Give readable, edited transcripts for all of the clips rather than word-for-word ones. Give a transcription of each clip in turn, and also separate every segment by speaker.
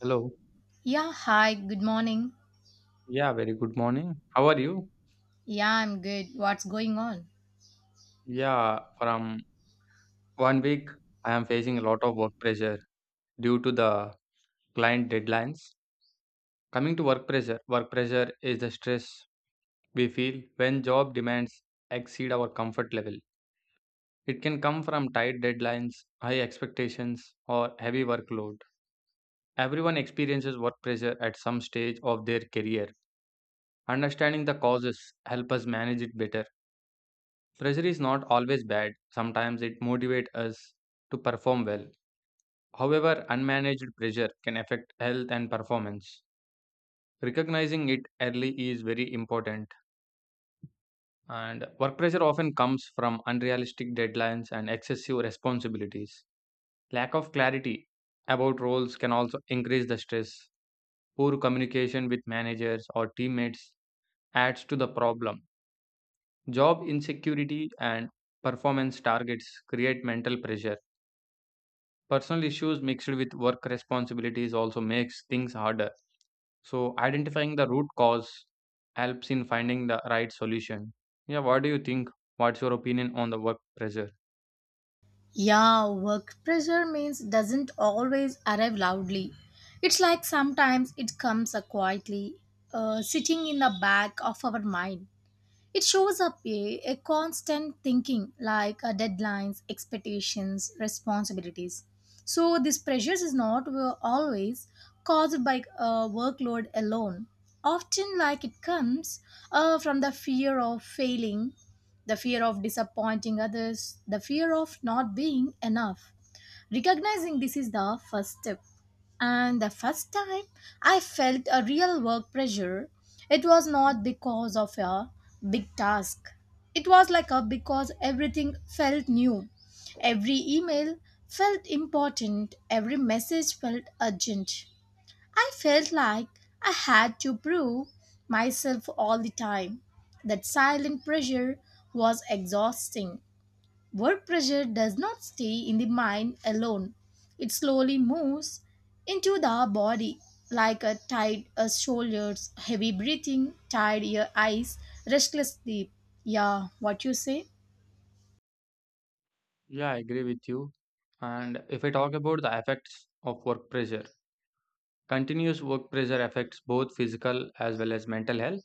Speaker 1: Hello.
Speaker 2: Yeah, hi, good morning.
Speaker 1: Yeah, very good morning. How are you?
Speaker 2: Yeah, I'm good. What's going on?
Speaker 1: Yeah, from one week, I am facing a lot of work pressure due to the client deadlines. Coming to work pressure is the stress we feel when job demands exceed our comfort level. It can come from tight deadlines, high expectations, or heavy workload. Everyone experiences work pressure at some stage of their career. Understanding the causes help us manage it better. Pressure is not always bad, sometimes it motivates us to perform well. However, unmanaged pressure can affect health and performance. Recognizing it early is very important, and work pressure often comes from unrealistic deadlines and excessive responsibilities. Lack of clarity about roles can also increase the stress. Poor communication with managers or teammates adds to the problem. Job insecurity and performance targets create mental pressure. Personal issues mixed with work responsibilities also makes things harder. So identifying the root cause helps in finding the right solution. Yeah, what do you think? What's your opinion on the work pressure?
Speaker 2: Yeah, work pressure means doesn't always arrive loudly. It's like sometimes it comes quietly, sitting in the back of our mind. It shows up a constant thinking like deadlines, expectations, responsibilities. So this pressures is not always caused by workload alone. Often, like it comes from the fear of failing, the fear of disappointing others, the fear of not being enough. Recognizing this is the first step. And the first time I felt a real work pressure, it was not because of a big task. It was like a because everything felt new. Every email felt important, every message felt urgent. I felt like I had to prove myself all the time. That silent pressure was exhausting. Work pressure does not stay in the mind alone. It slowly moves into the body like a tight shoulders, heavy breathing, tired ear eyes, restless sleep. Yeah, what you say?
Speaker 1: Yeah, I agree with you. And if I talk about the effects of work pressure, continuous work pressure affects both physical as well as mental health.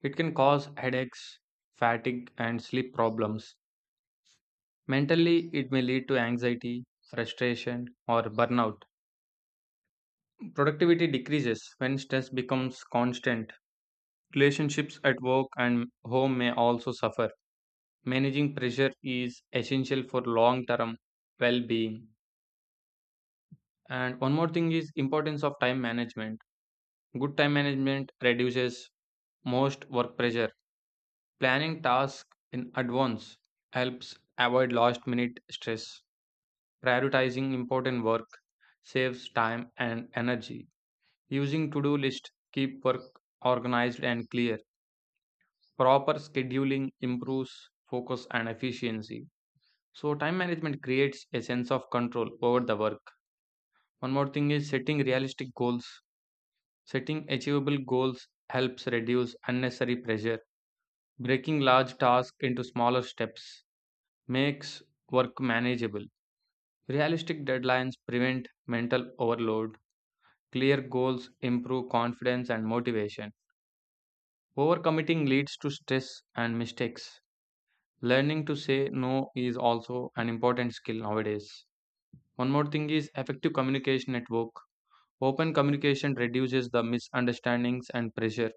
Speaker 1: It can cause headaches, fatigue, and sleep problems. Mentally, it may lead to anxiety, frustration, or burnout. Productivity decreases when stress becomes constant. Relationships at work and home may also suffer. Managing pressure is essential for long-term well-being. And one more thing is importance of time management. Good time management reduces most work pressure. Planning tasks in advance helps avoid last-minute stress. Prioritizing important work saves time and energy. Using to-do list keep work organized and clear. Proper scheduling improves focus and efficiency. So, time management creates a sense of control over the work. One more thing is setting realistic goals. Setting achievable goals helps reduce unnecessary pressure. Breaking large tasks into smaller steps makes work manageable. Realistic deadlines prevent mental overload. Clear goals improve confidence and motivation. Overcommitting leads to stress and mistakes. Learning to say no is also an important skill nowadays. One more thing is effective communication network. Open communication reduces the misunderstandings and pressure.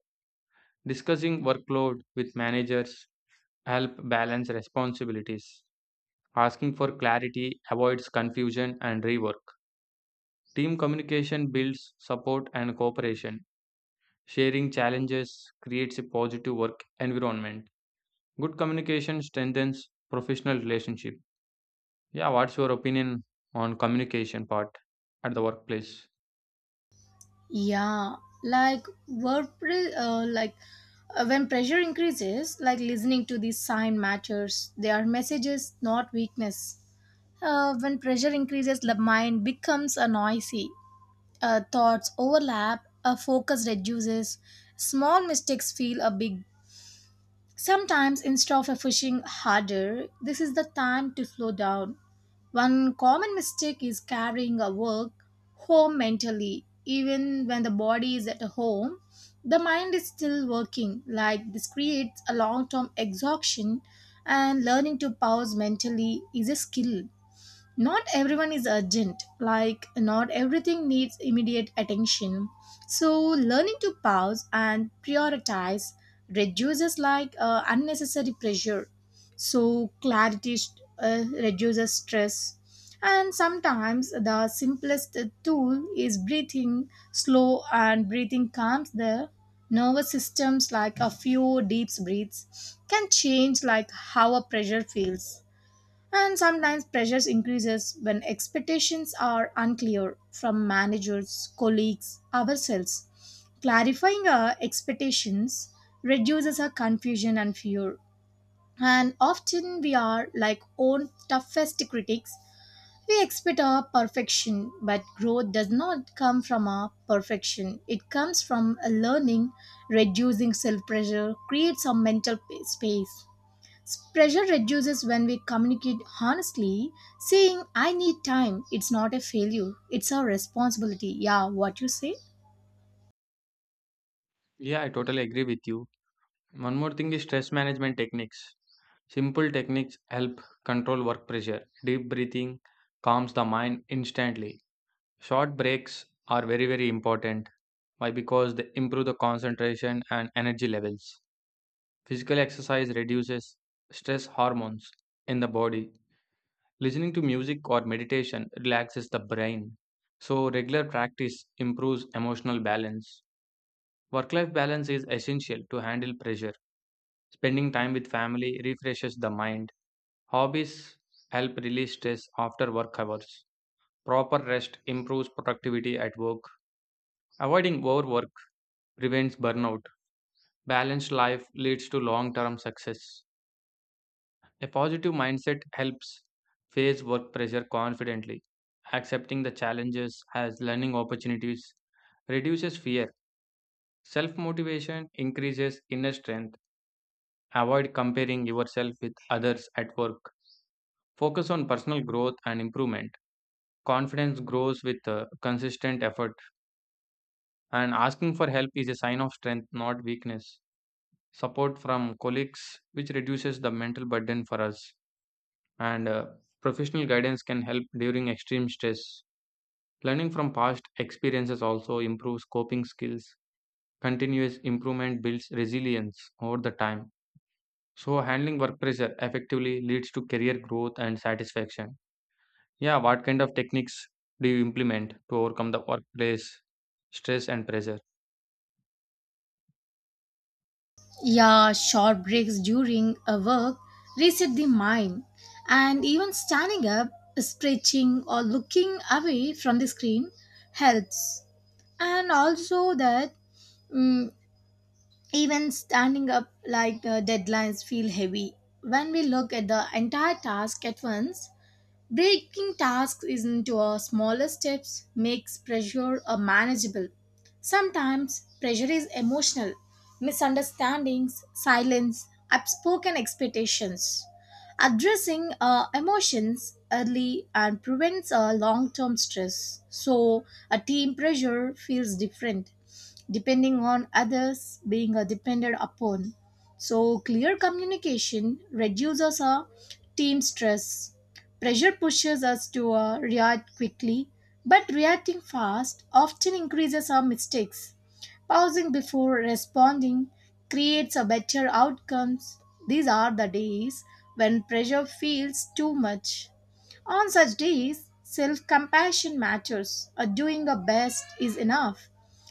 Speaker 1: Discussing workload with managers help balance responsibilities. Asking for clarity avoids confusion and rework. Team communication builds support and cooperation. Sharing challenges creates a positive work environment. Good communication strengthens professional relationship. Yeah, what's your opinion on communication part at the workplace?
Speaker 2: Yeah, like work pre- like when pressure increases, like listening to these sign matters. They are messages, not weakness. When pressure increases, the mind becomes a noisy. Thoughts overlap, a focus reduces, small mistakes feel a big. Sometimes instead of pushing harder, this is the time to slow down. One common mistake is carrying a work home mentally. Even when the body is at home, the mind is still working. Like this creates a long term exhaustion, and learning to pause mentally is a skill not everyone is urgent, like not everything needs immediate attention, so learning to pause and prioritize reduces like unnecessary pressure. So clarity reduces stress, and sometimes the simplest tool is breathing slow, and breathing calms the nervous systems, like a few deep breaths can change like how a pressure feels. And sometimes pressures increases when expectations are unclear from managers, colleagues, ourselves. Clarifying our expectations reduces our confusion and fear. And often we are like own toughest critics. We expect our perfection, but growth does not come from our perfection. It comes from a learning, reducing self pressure, creates a mental space. Pressure reduces when we communicate honestly, saying, I need time. It's not a failure, it's our responsibility. Yeah, what you say?
Speaker 1: Yeah, I totally agree with you. One more thing is stress management techniques. Simple techniques help control work pressure. Deep breathing calms the mind instantly. Short breaks are very, very important. Why? Because they improve the concentration and energy levels. Physical exercise reduces stress hormones in the body. Listening to music or meditation relaxes the brain, so regular practice improves emotional balance. Work life balance is essential to handle pressure. Spending time with family refreshes the mind. Hobbies help release stress after work hours. Proper rest improves productivity at work. Avoiding overwork prevents burnout. Balanced life leads to long term success. A positive mindset helps face work pressure confidently. Accepting the challenges as learning opportunities reduces fear. Self motivation increases inner strength. Avoid comparing yourself with others at work. Focus on personal growth and improvement. Confidence grows with consistent effort, and asking for help is a sign of strength, not weakness. Support from colleagues, which reduces the mental burden for us, and professional guidance can help during extreme stress. Learning from past experiences also improves coping skills. Continuous improvement builds resilience over the time. So, handling work pressure effectively leads to career growth and satisfaction. Yeah, what kind of techniques do you implement to overcome the workplace stress and pressure?
Speaker 2: Yeah, short breaks during a work reset the mind. And even standing up, stretching, or looking away from the screen helps. And also, that mm, even standing up like deadlines feel heavy. When we look at the entire task at once, breaking tasks into a smaller steps makes pressure a manageable. Sometimes pressure is emotional, misunderstandings, silence, unspoken expectations. Addressing emotions early and prevents a long-term stress. So a team pressure feels different depending on others being depended upon, so clear communication reduces our team stress. Pressure pushes us to react quickly, but reacting fast often increases our mistakes. Pausing before responding creates a better outcomes. These are the days when pressure feels too much. On such days, self compassion matters. Doing our best is enough.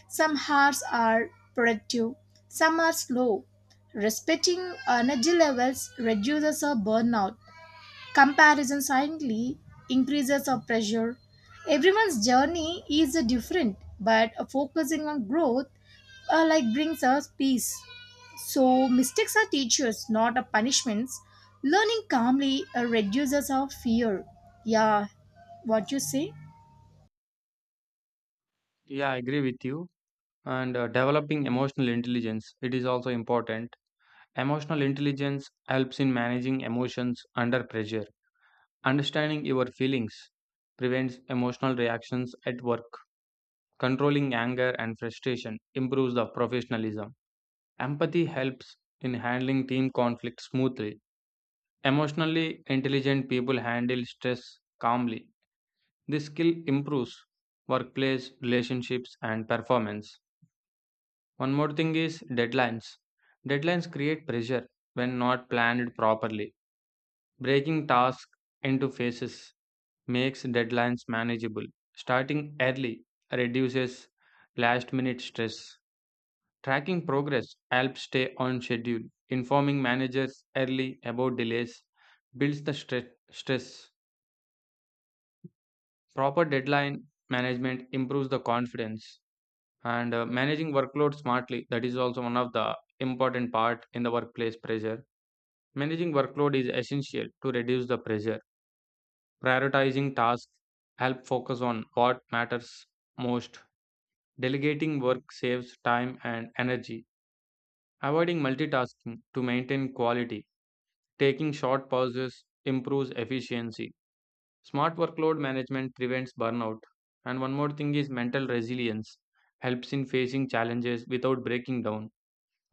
Speaker 2: Some hours are productive, some are slow. Respecting energy levels reduces our burnout. Comparison silently increases our pressure. Everyone's journey is different, but focusing on growth like brings us peace. So mistakes are teachers, not a punishments. Learning calmly reduces our fear. Yeah, what you say?
Speaker 1: Yeah, I agree with you. And developing emotional intelligence, it is also important. Emotional intelligence helps in managing emotions under pressure. Understanding your feelings prevents emotional reactions at work. Controlling anger and frustration improves the professionalism. Empathy helps in handling team conflict smoothly. Emotionally intelligent people handle stress calmly. This skill improves workplace relationships and performance. One more thing is deadlines. Deadlines create pressure when not planned properly. Breaking tasks into phases makes deadlines manageable. Starting early reduces last minute stress. Tracking progress helps stay on schedule. Informing managers early about delays builds the stress. Proper deadline management improves the confidence, and managing workload smartly, that is also one of the important part in the workplace pressure. Managing workload is essential to reduce the pressure. Prioritizing tasks help focus on what matters most. Delegating work saves time and energy. Avoiding multitasking to maintain quality. Taking short pauses improves efficiency. Smart workload management prevents burnout. And one more thing is mental resilience helps in facing challenges without breaking down.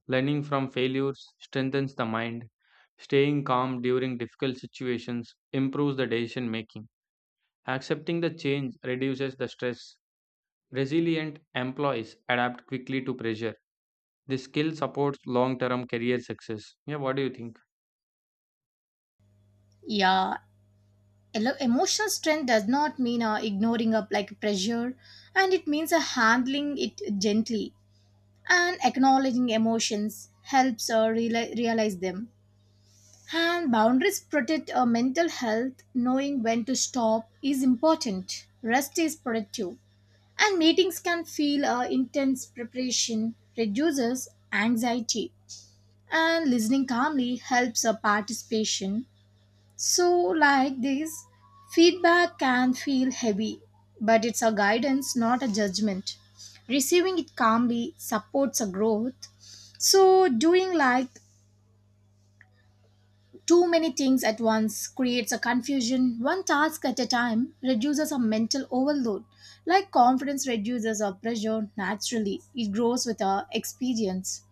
Speaker 1: Learning from failures strengthens the mind. Staying calm during difficult situations improves the decision making. Accepting the change reduces the stress. Resilient employees adapt quickly to pressure. This skill supports long term career success. Yeah, what do you think?
Speaker 2: Yeah, emotional strength does not mean ignoring up like pressure, and it means handling it gently. And acknowledging emotions helps realize them. And boundaries protect our mental health, knowing when to stop is important, rest is productive. And meetings can feel intense, preparation reduces anxiety, and listening calmly helps our participation. So, like this, feedback can feel heavy, but it's a guidance, not a judgment. Receiving it calmly supports a growth. So, doing like too many things at once creates a confusion. One task at a time reduces a mental overload. Like confidence reduces our pressure naturally, it grows with our experience.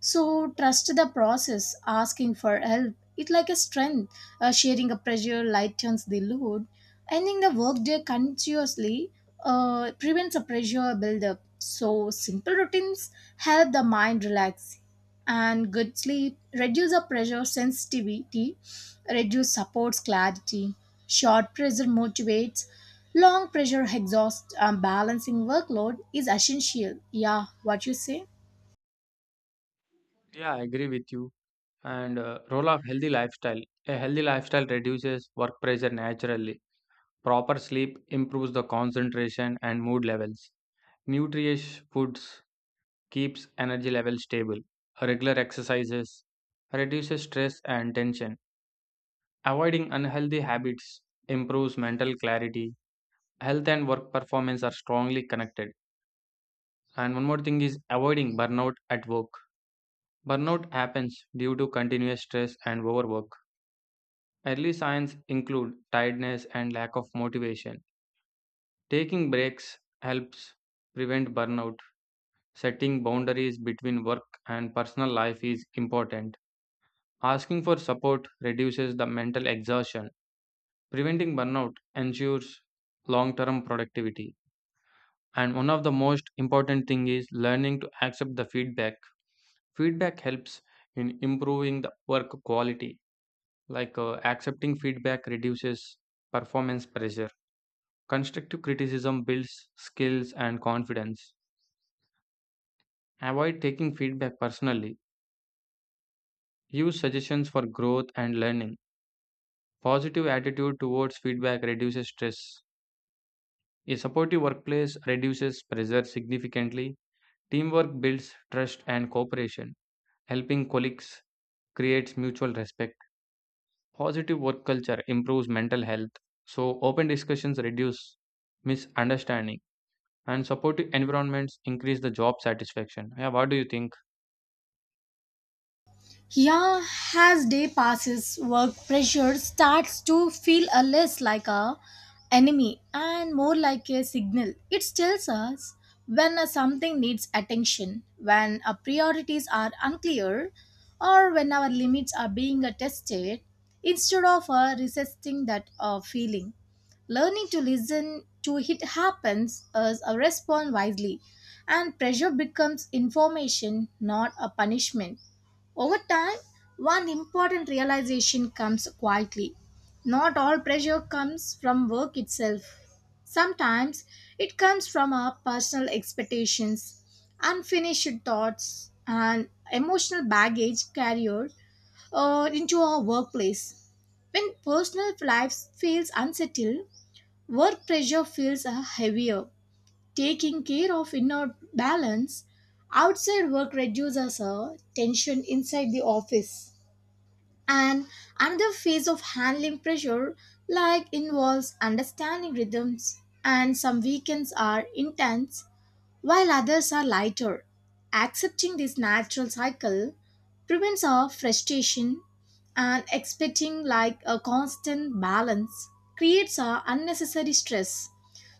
Speaker 2: So trust the process, asking for help. It's like a strength. Sharing a pressure lightens the load. Ending the workday continuously prevents a pressure buildup. So simple routines help the mind relax. And good sleep reduce the pressure sensitivity, reduce supports clarity. Short pressure motivates, long pressure exhausts. Balancing workload is essential. Yeah, what you say?
Speaker 1: Yeah, I agree with you. And role of healthy lifestyle. A healthy lifestyle reduces work pressure naturally. Proper sleep improves the concentration and mood levels. Nutritious foods keeps energy levels stable. Regular exercises reduces stress and tension. Avoiding unhealthy habits improves mental clarity. Health and work performance are strongly connected. And one more thing is avoiding burnout at work. Burnout happens due to continuous stress and overwork. Early signs include tiredness and lack of motivation. Taking breaks helps prevent burnout. Setting boundaries between work and personal life is important. Asking for support reduces the mental exhaustion. Preventing burnout ensures long term productivity. And one of the most important thing is learning to accept the feedback. Feedback helps in improving the work quality. Accepting feedback reduces performance pressure. Constructive criticism builds skills and confidence. Avoid taking feedback personally. Use suggestions for growth and learning. Positive attitude towards feedback reduces stress. A supportive workplace reduces pressure significantly. Teamwork builds trust and cooperation. Helping colleagues creates mutual respect. Positive work culture improves mental health. So, open discussions reduce misunderstanding, and supportive environments increase the job satisfaction. Yeah, what do you think?
Speaker 2: Yeah, as day passes, work pressure starts to feel a less like a enemy and more like a signal. It tells us when a something needs attention, when our priorities are unclear, or when our limits are being tested, instead of resisting that feeling. Learning to listen to it happens as a respond wisely, and pressure becomes information, not a punishment. Over time, one important realization comes quietly. Not all pressure comes from work itself. Sometimes it comes from our personal expectations, unfinished thoughts, and emotional baggage carried into our workplace. When personal life feels unsettled, work pressure feels heavier. Taking care of inner balance outside work reduces our tension inside the office. And another phase of handling pressure like involves understanding rhythms, and some weekends are intense while others are lighter. Accepting this natural cycle prevents our frustration, and expecting like a constant balance creates our unnecessary stress.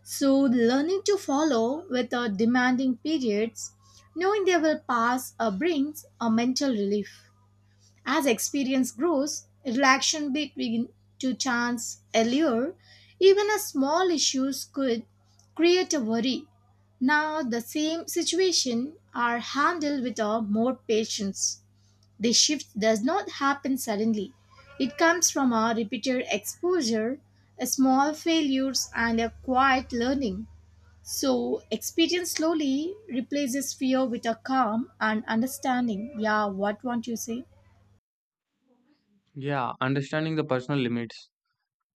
Speaker 2: So learning to follow with our demanding periods, knowing they will pass brings a mental relief. As experience grows, relaxation between to chance allure, even a small issues could create a worry. Now the same situation are handled with a more patience. The shift does not happen suddenly. It comes from our repeated exposure, a small failures and a quiet learning. So experience slowly replaces fear with a calm and understanding. Yeah, what won't you say?
Speaker 1: Yeah, understanding the personal limits.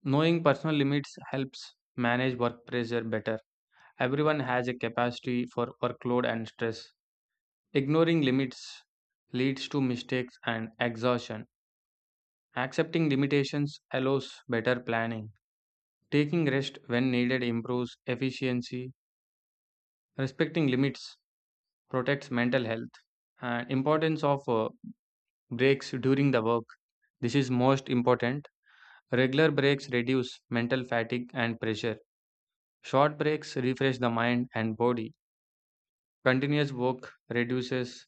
Speaker 1: Knowing personal limits helps manage work pressure better. Everyone has a capacity for workload and stress. Ignoring limits leads to mistakes and exhaustion. Accepting limitations allows better planning. Taking rest when needed improves efficiency. Respecting limits protects mental health. And importance of breaks during the work. This is most important. Regular breaks reduce mental fatigue and pressure. Short breaks refresh the mind and body. Continuous work reduces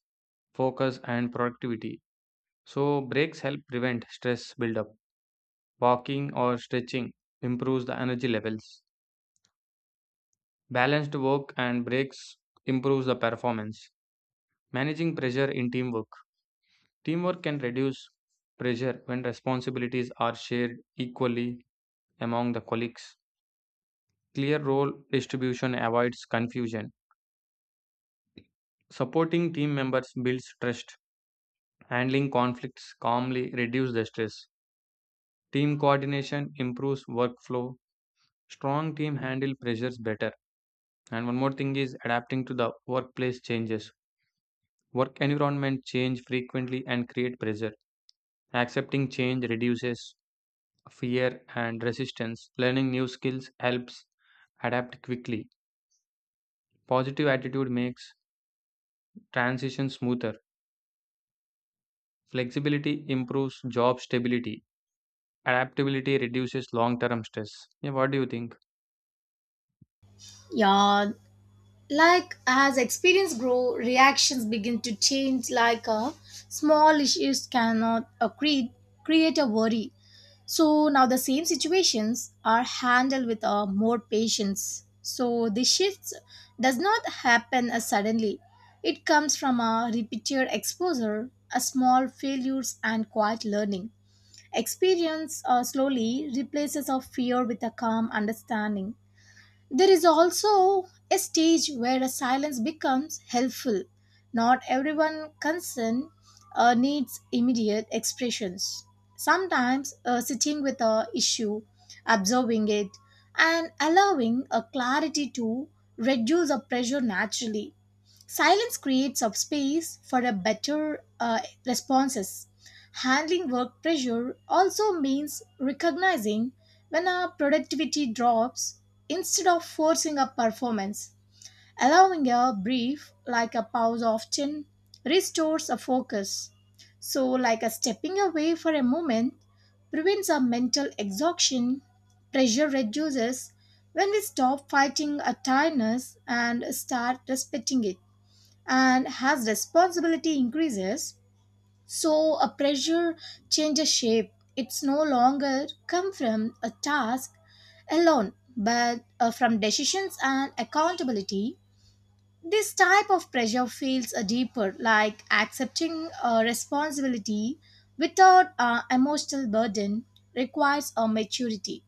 Speaker 1: focus and productivity. So breaks help prevent stress buildup. Walking or stretching improves the energy levels. Balanced work and breaks improves the performance. Managing pressure in teamwork. Teamwork can reduce pressure when responsibilities are shared equally among the colleagues. Clear role distribution avoids confusion. Supporting team members builds trust. Handling conflicts calmly reduces the stress. Team coordination improves workflow. Strong team handle pressures better. And one more thing is adapting to the workplace changes. Work environment change frequently and create pressure. Accepting change reduces fear and resistance. Learning new skills helps adapt quickly. Positive attitude makes transition smoother. Flexibility improves job stability. Adaptability reduces long term stress. Yeah, what do you think?
Speaker 2: Yeah, like as experience grow, reactions begin to change like small issues cannot create a worry, so now the same situations are handled with more patience, so the shifts does not happen suddenly, it comes from a repeated exposure, a small failures and quiet learning. Experience slowly replaces our fear with a calm understanding. There is also a stage where a silence becomes helpful. Not everyone concerned needs immediate expressions. Sometimes sitting with a issue, observing it, and allowing a clarity to reduce the pressure naturally. Silence creates a space for a better responses. Handling work pressure also means recognizing when our productivity drops instead of forcing a performance. Allowing a brief, like a pause, often restores a focus. So, like a stepping away for a moment prevents a mental exhaustion, pressure reduces when we stop fighting a tiredness and start respecting it. And as responsibility increases, so a pressure changes shape, it's no longer come from a task alone, but from decisions and accountability. This type of pressure feels a deeper, like accepting a responsibility without emotional burden requires a maturity.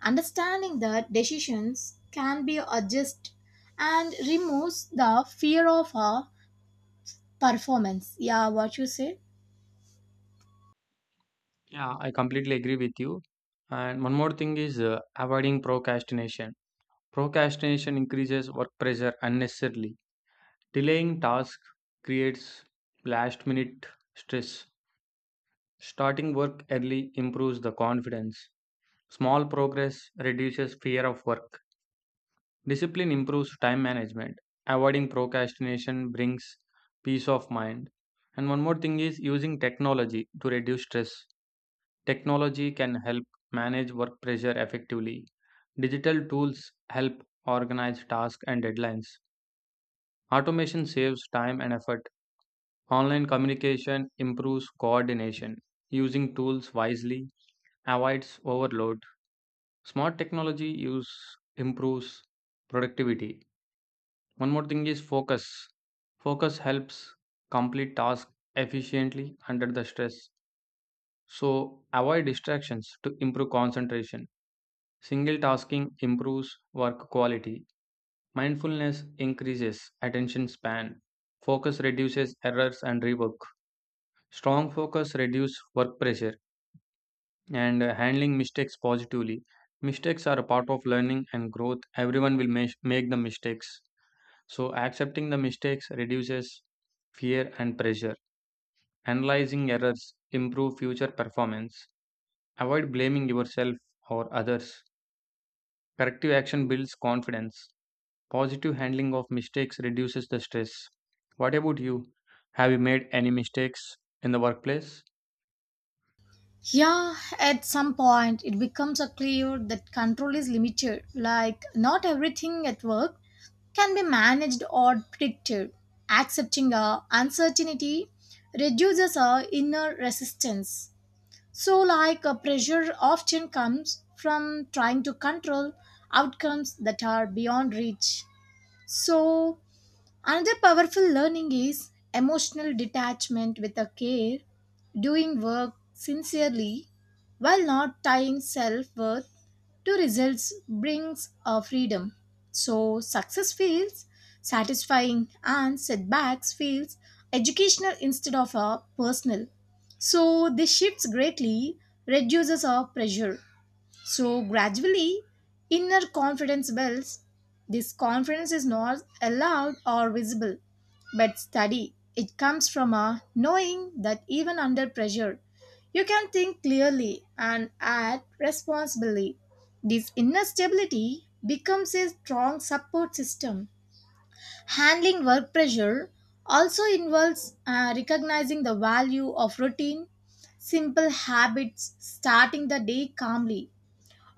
Speaker 2: Understanding that decisions can be adjusted and removes the fear of a performance. Yeah, what you said.
Speaker 1: Yeah, I completely agree with you. And one more thing is avoiding procrastination. Procrastination increases work pressure unnecessarily. Delaying tasks creates last minute stress. Starting work early improves the confidence. Small progress reduces fear of work. Discipline improves time management. Avoiding procrastination brings peace of mind. And one more thing is using technology to reduce stress. Technology can help manage work pressure effectively. Digital tools help organize tasks and deadlines. Automation saves time and effort. Online communication improves coordination. Using tools wisely avoids overload. Smart technology use improves productivity. One more thing is focus. Focus helps complete tasks efficiently under the stress. So avoid distractions to improve concentration. Single tasking improves work quality. Mindfulness increases attention span. Focus reduces errors and rework. Strong focus reduce work pressure, and handling mistakes positively. Mistakes are a part of learning and growth. Everyone will make the mistakes. So accepting the mistakes reduces fear and pressure. Analyzing errors improve future performance. Avoid blaming yourself or others. Corrective action builds confidence. Positive handling of mistakes reduces the stress. What about you? Have you made any mistakes in the workplace?
Speaker 2: Yeah, at some point it becomes a clear that control is limited. Like not everything at work can be managed or predicted. Accepting a uncertainty reduces our inner resistance. So like a pressure often comes from trying to control outcomes that are beyond reach. So another powerful learning is emotional detachment with a care, doing work sincerely while not tying self worth to results brings a freedom. So success feels satisfying and setbacks feels educational instead of a personal. So this shifts greatly reduces our pressure. So gradually, inner confidence builds. This confidence is not allowed or visible, but study. It comes from a knowing that even under pressure, you can think clearly and act responsibly. This inner stability becomes a strong support system. Handling work pressure also involves recognizing the value of routine, simple habits, starting the day calmly,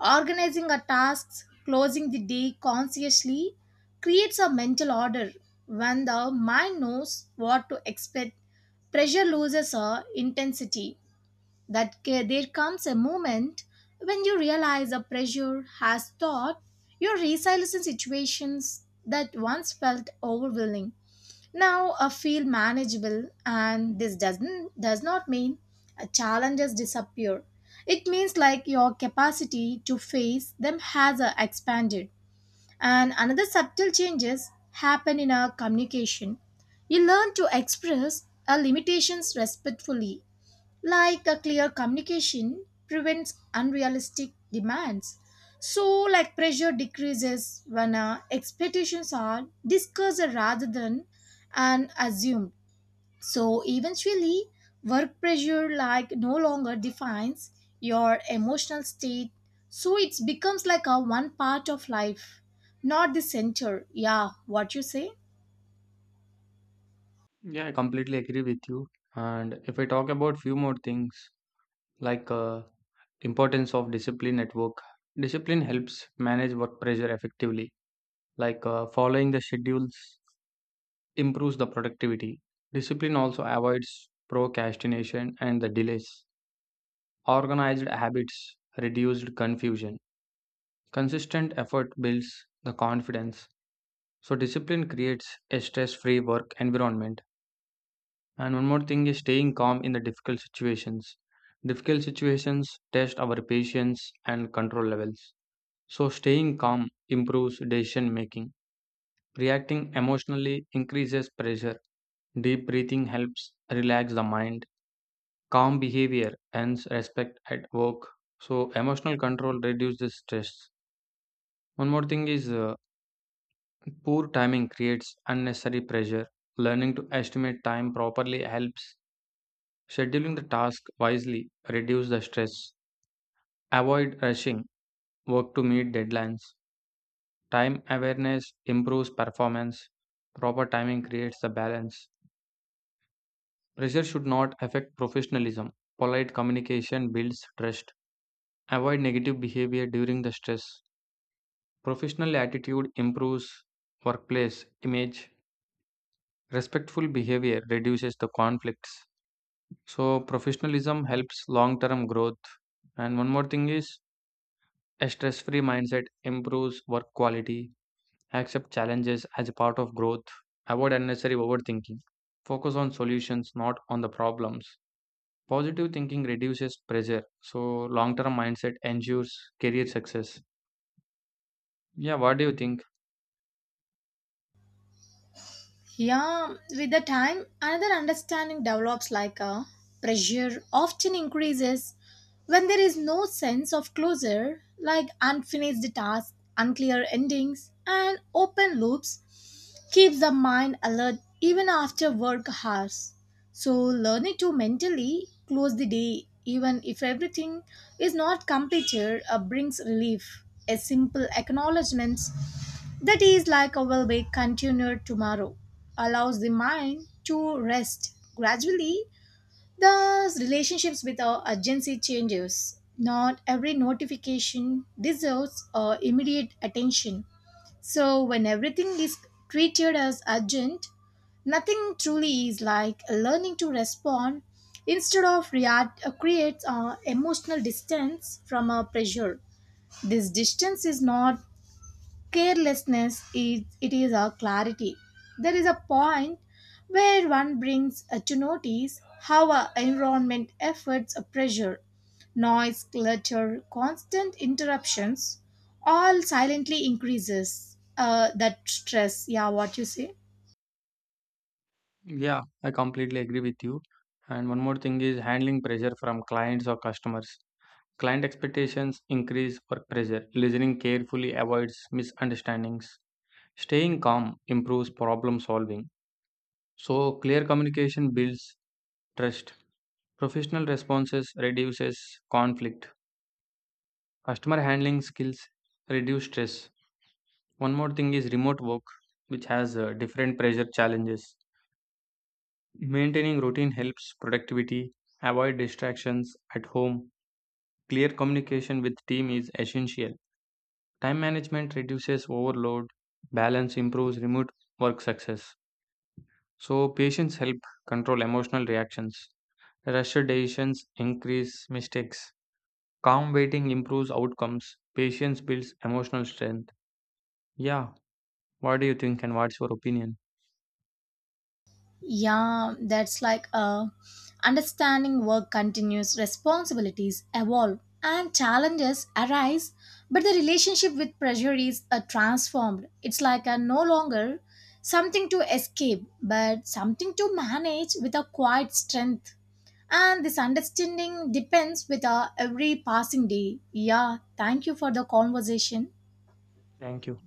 Speaker 2: organizing our tasks, closing the day consciously creates a mental order. When the mind knows what to expect, pressure loses a intensity. There comes a moment when you realize the pressure has taught your resilience in situations that once felt overwhelming now feel manageable, and this does not mean challenges disappear, it means like your capacity to face them has expanded. And another subtle changes happen in our communication, you learn to express our limitations respectfully, like a clear communication prevents unrealistic demands. So like pressure decreases when expectations are discussed rather than and assumed. So eventually work pressure like no longer defines your emotional state, so it becomes like a one part of life, not the center. Yeah, what you say?
Speaker 1: Yeah, I completely agree with you. And if I talk about few more things, like uh, importance of discipline at work, discipline helps manage work pressure effectively. Following the schedules improves the productivity. Discipline also avoids procrastination and the delays. Organized habits reduced confusion. Consistent effort builds the confidence. So discipline creates a stress-free work environment. And one more thing is staying calm in the difficult situations. Difficult situations test our patience and control levels. So, staying calm improves decision making. Reacting emotionally increases pressure. Deep breathing helps relax the mind. Calm behavior earns respect at work. So, emotional control reduces stress. One more thing is poor timing creates unnecessary pressure. Learning to estimate time properly helps. Scheduling the task wisely reduces the stress. Avoid rushing work to meet deadlines. Time awareness improves performance. Proper timing creates the balance. Pressure should not affect professionalism. Polite communication builds trust. Avoid negative behavior during the stress. Professional attitude improves workplace image. Respectful behavior reduces the conflicts. So, professionalism helps long term growth. And one more thing is a stress free mindset improves work quality, accept challenges as a part of growth, avoid unnecessary overthinking, focus on solutions, not on the problems. Positive thinking reduces pressure, so long term mindset ensures career success. Yeah, what do you think?
Speaker 2: Yeah, with the time, another understanding develops like a pressure often increases when there is no sense of closure, like unfinished tasks, unclear endings, and open loops keeps the mind alert even after work hours. So, learning to mentally close the day, even if everything is not completed, brings relief. A simple acknowledgement that is like a will be continued tomorrow, allows the mind to rest. Gradually, the relationships with our urgency changes. Not every notification deserves immediate attention. So, when everything is treated as urgent, nothing truly is, like learning to respond instead of react creates emotional distance from a pressure. This distance is not carelessness, is it is a clarity. There is a point where one brings to notice how our environment efforts a pressure, noise clutter constant interruptions all silently increases that stress. Yeah, what you say?
Speaker 1: Yeah, I completely agree with you. And one more thing is handling pressure from clients or customers. Client expectations increase work pressure. Listening carefully avoids misunderstandings. Staying calm improves problem solving. So clear communication builds trust. Professional responses reduces conflict. Customer handling skills reduce stress. One more thing is remote work, which has different pressure challenges. Maintaining routine helps productivity, avoid distractions at home. Clear communication with team is essential. Time management reduces overload, balance improves remote work success. So patience help control emotional reactions. Rushed decisions increase mistakes. Calm waiting improves outcomes. Patience builds emotional strength. Yeah, what do you think and what's your opinion?
Speaker 2: Yeah, that's like understanding work continues, responsibilities evolve, and challenges arise, but the relationship with pressure is transformed. It's like a no longer something to escape, but something to manage with a quiet strength. And this understanding depends with every passing day. Yeah, thank you for the conversation.
Speaker 1: Thank you.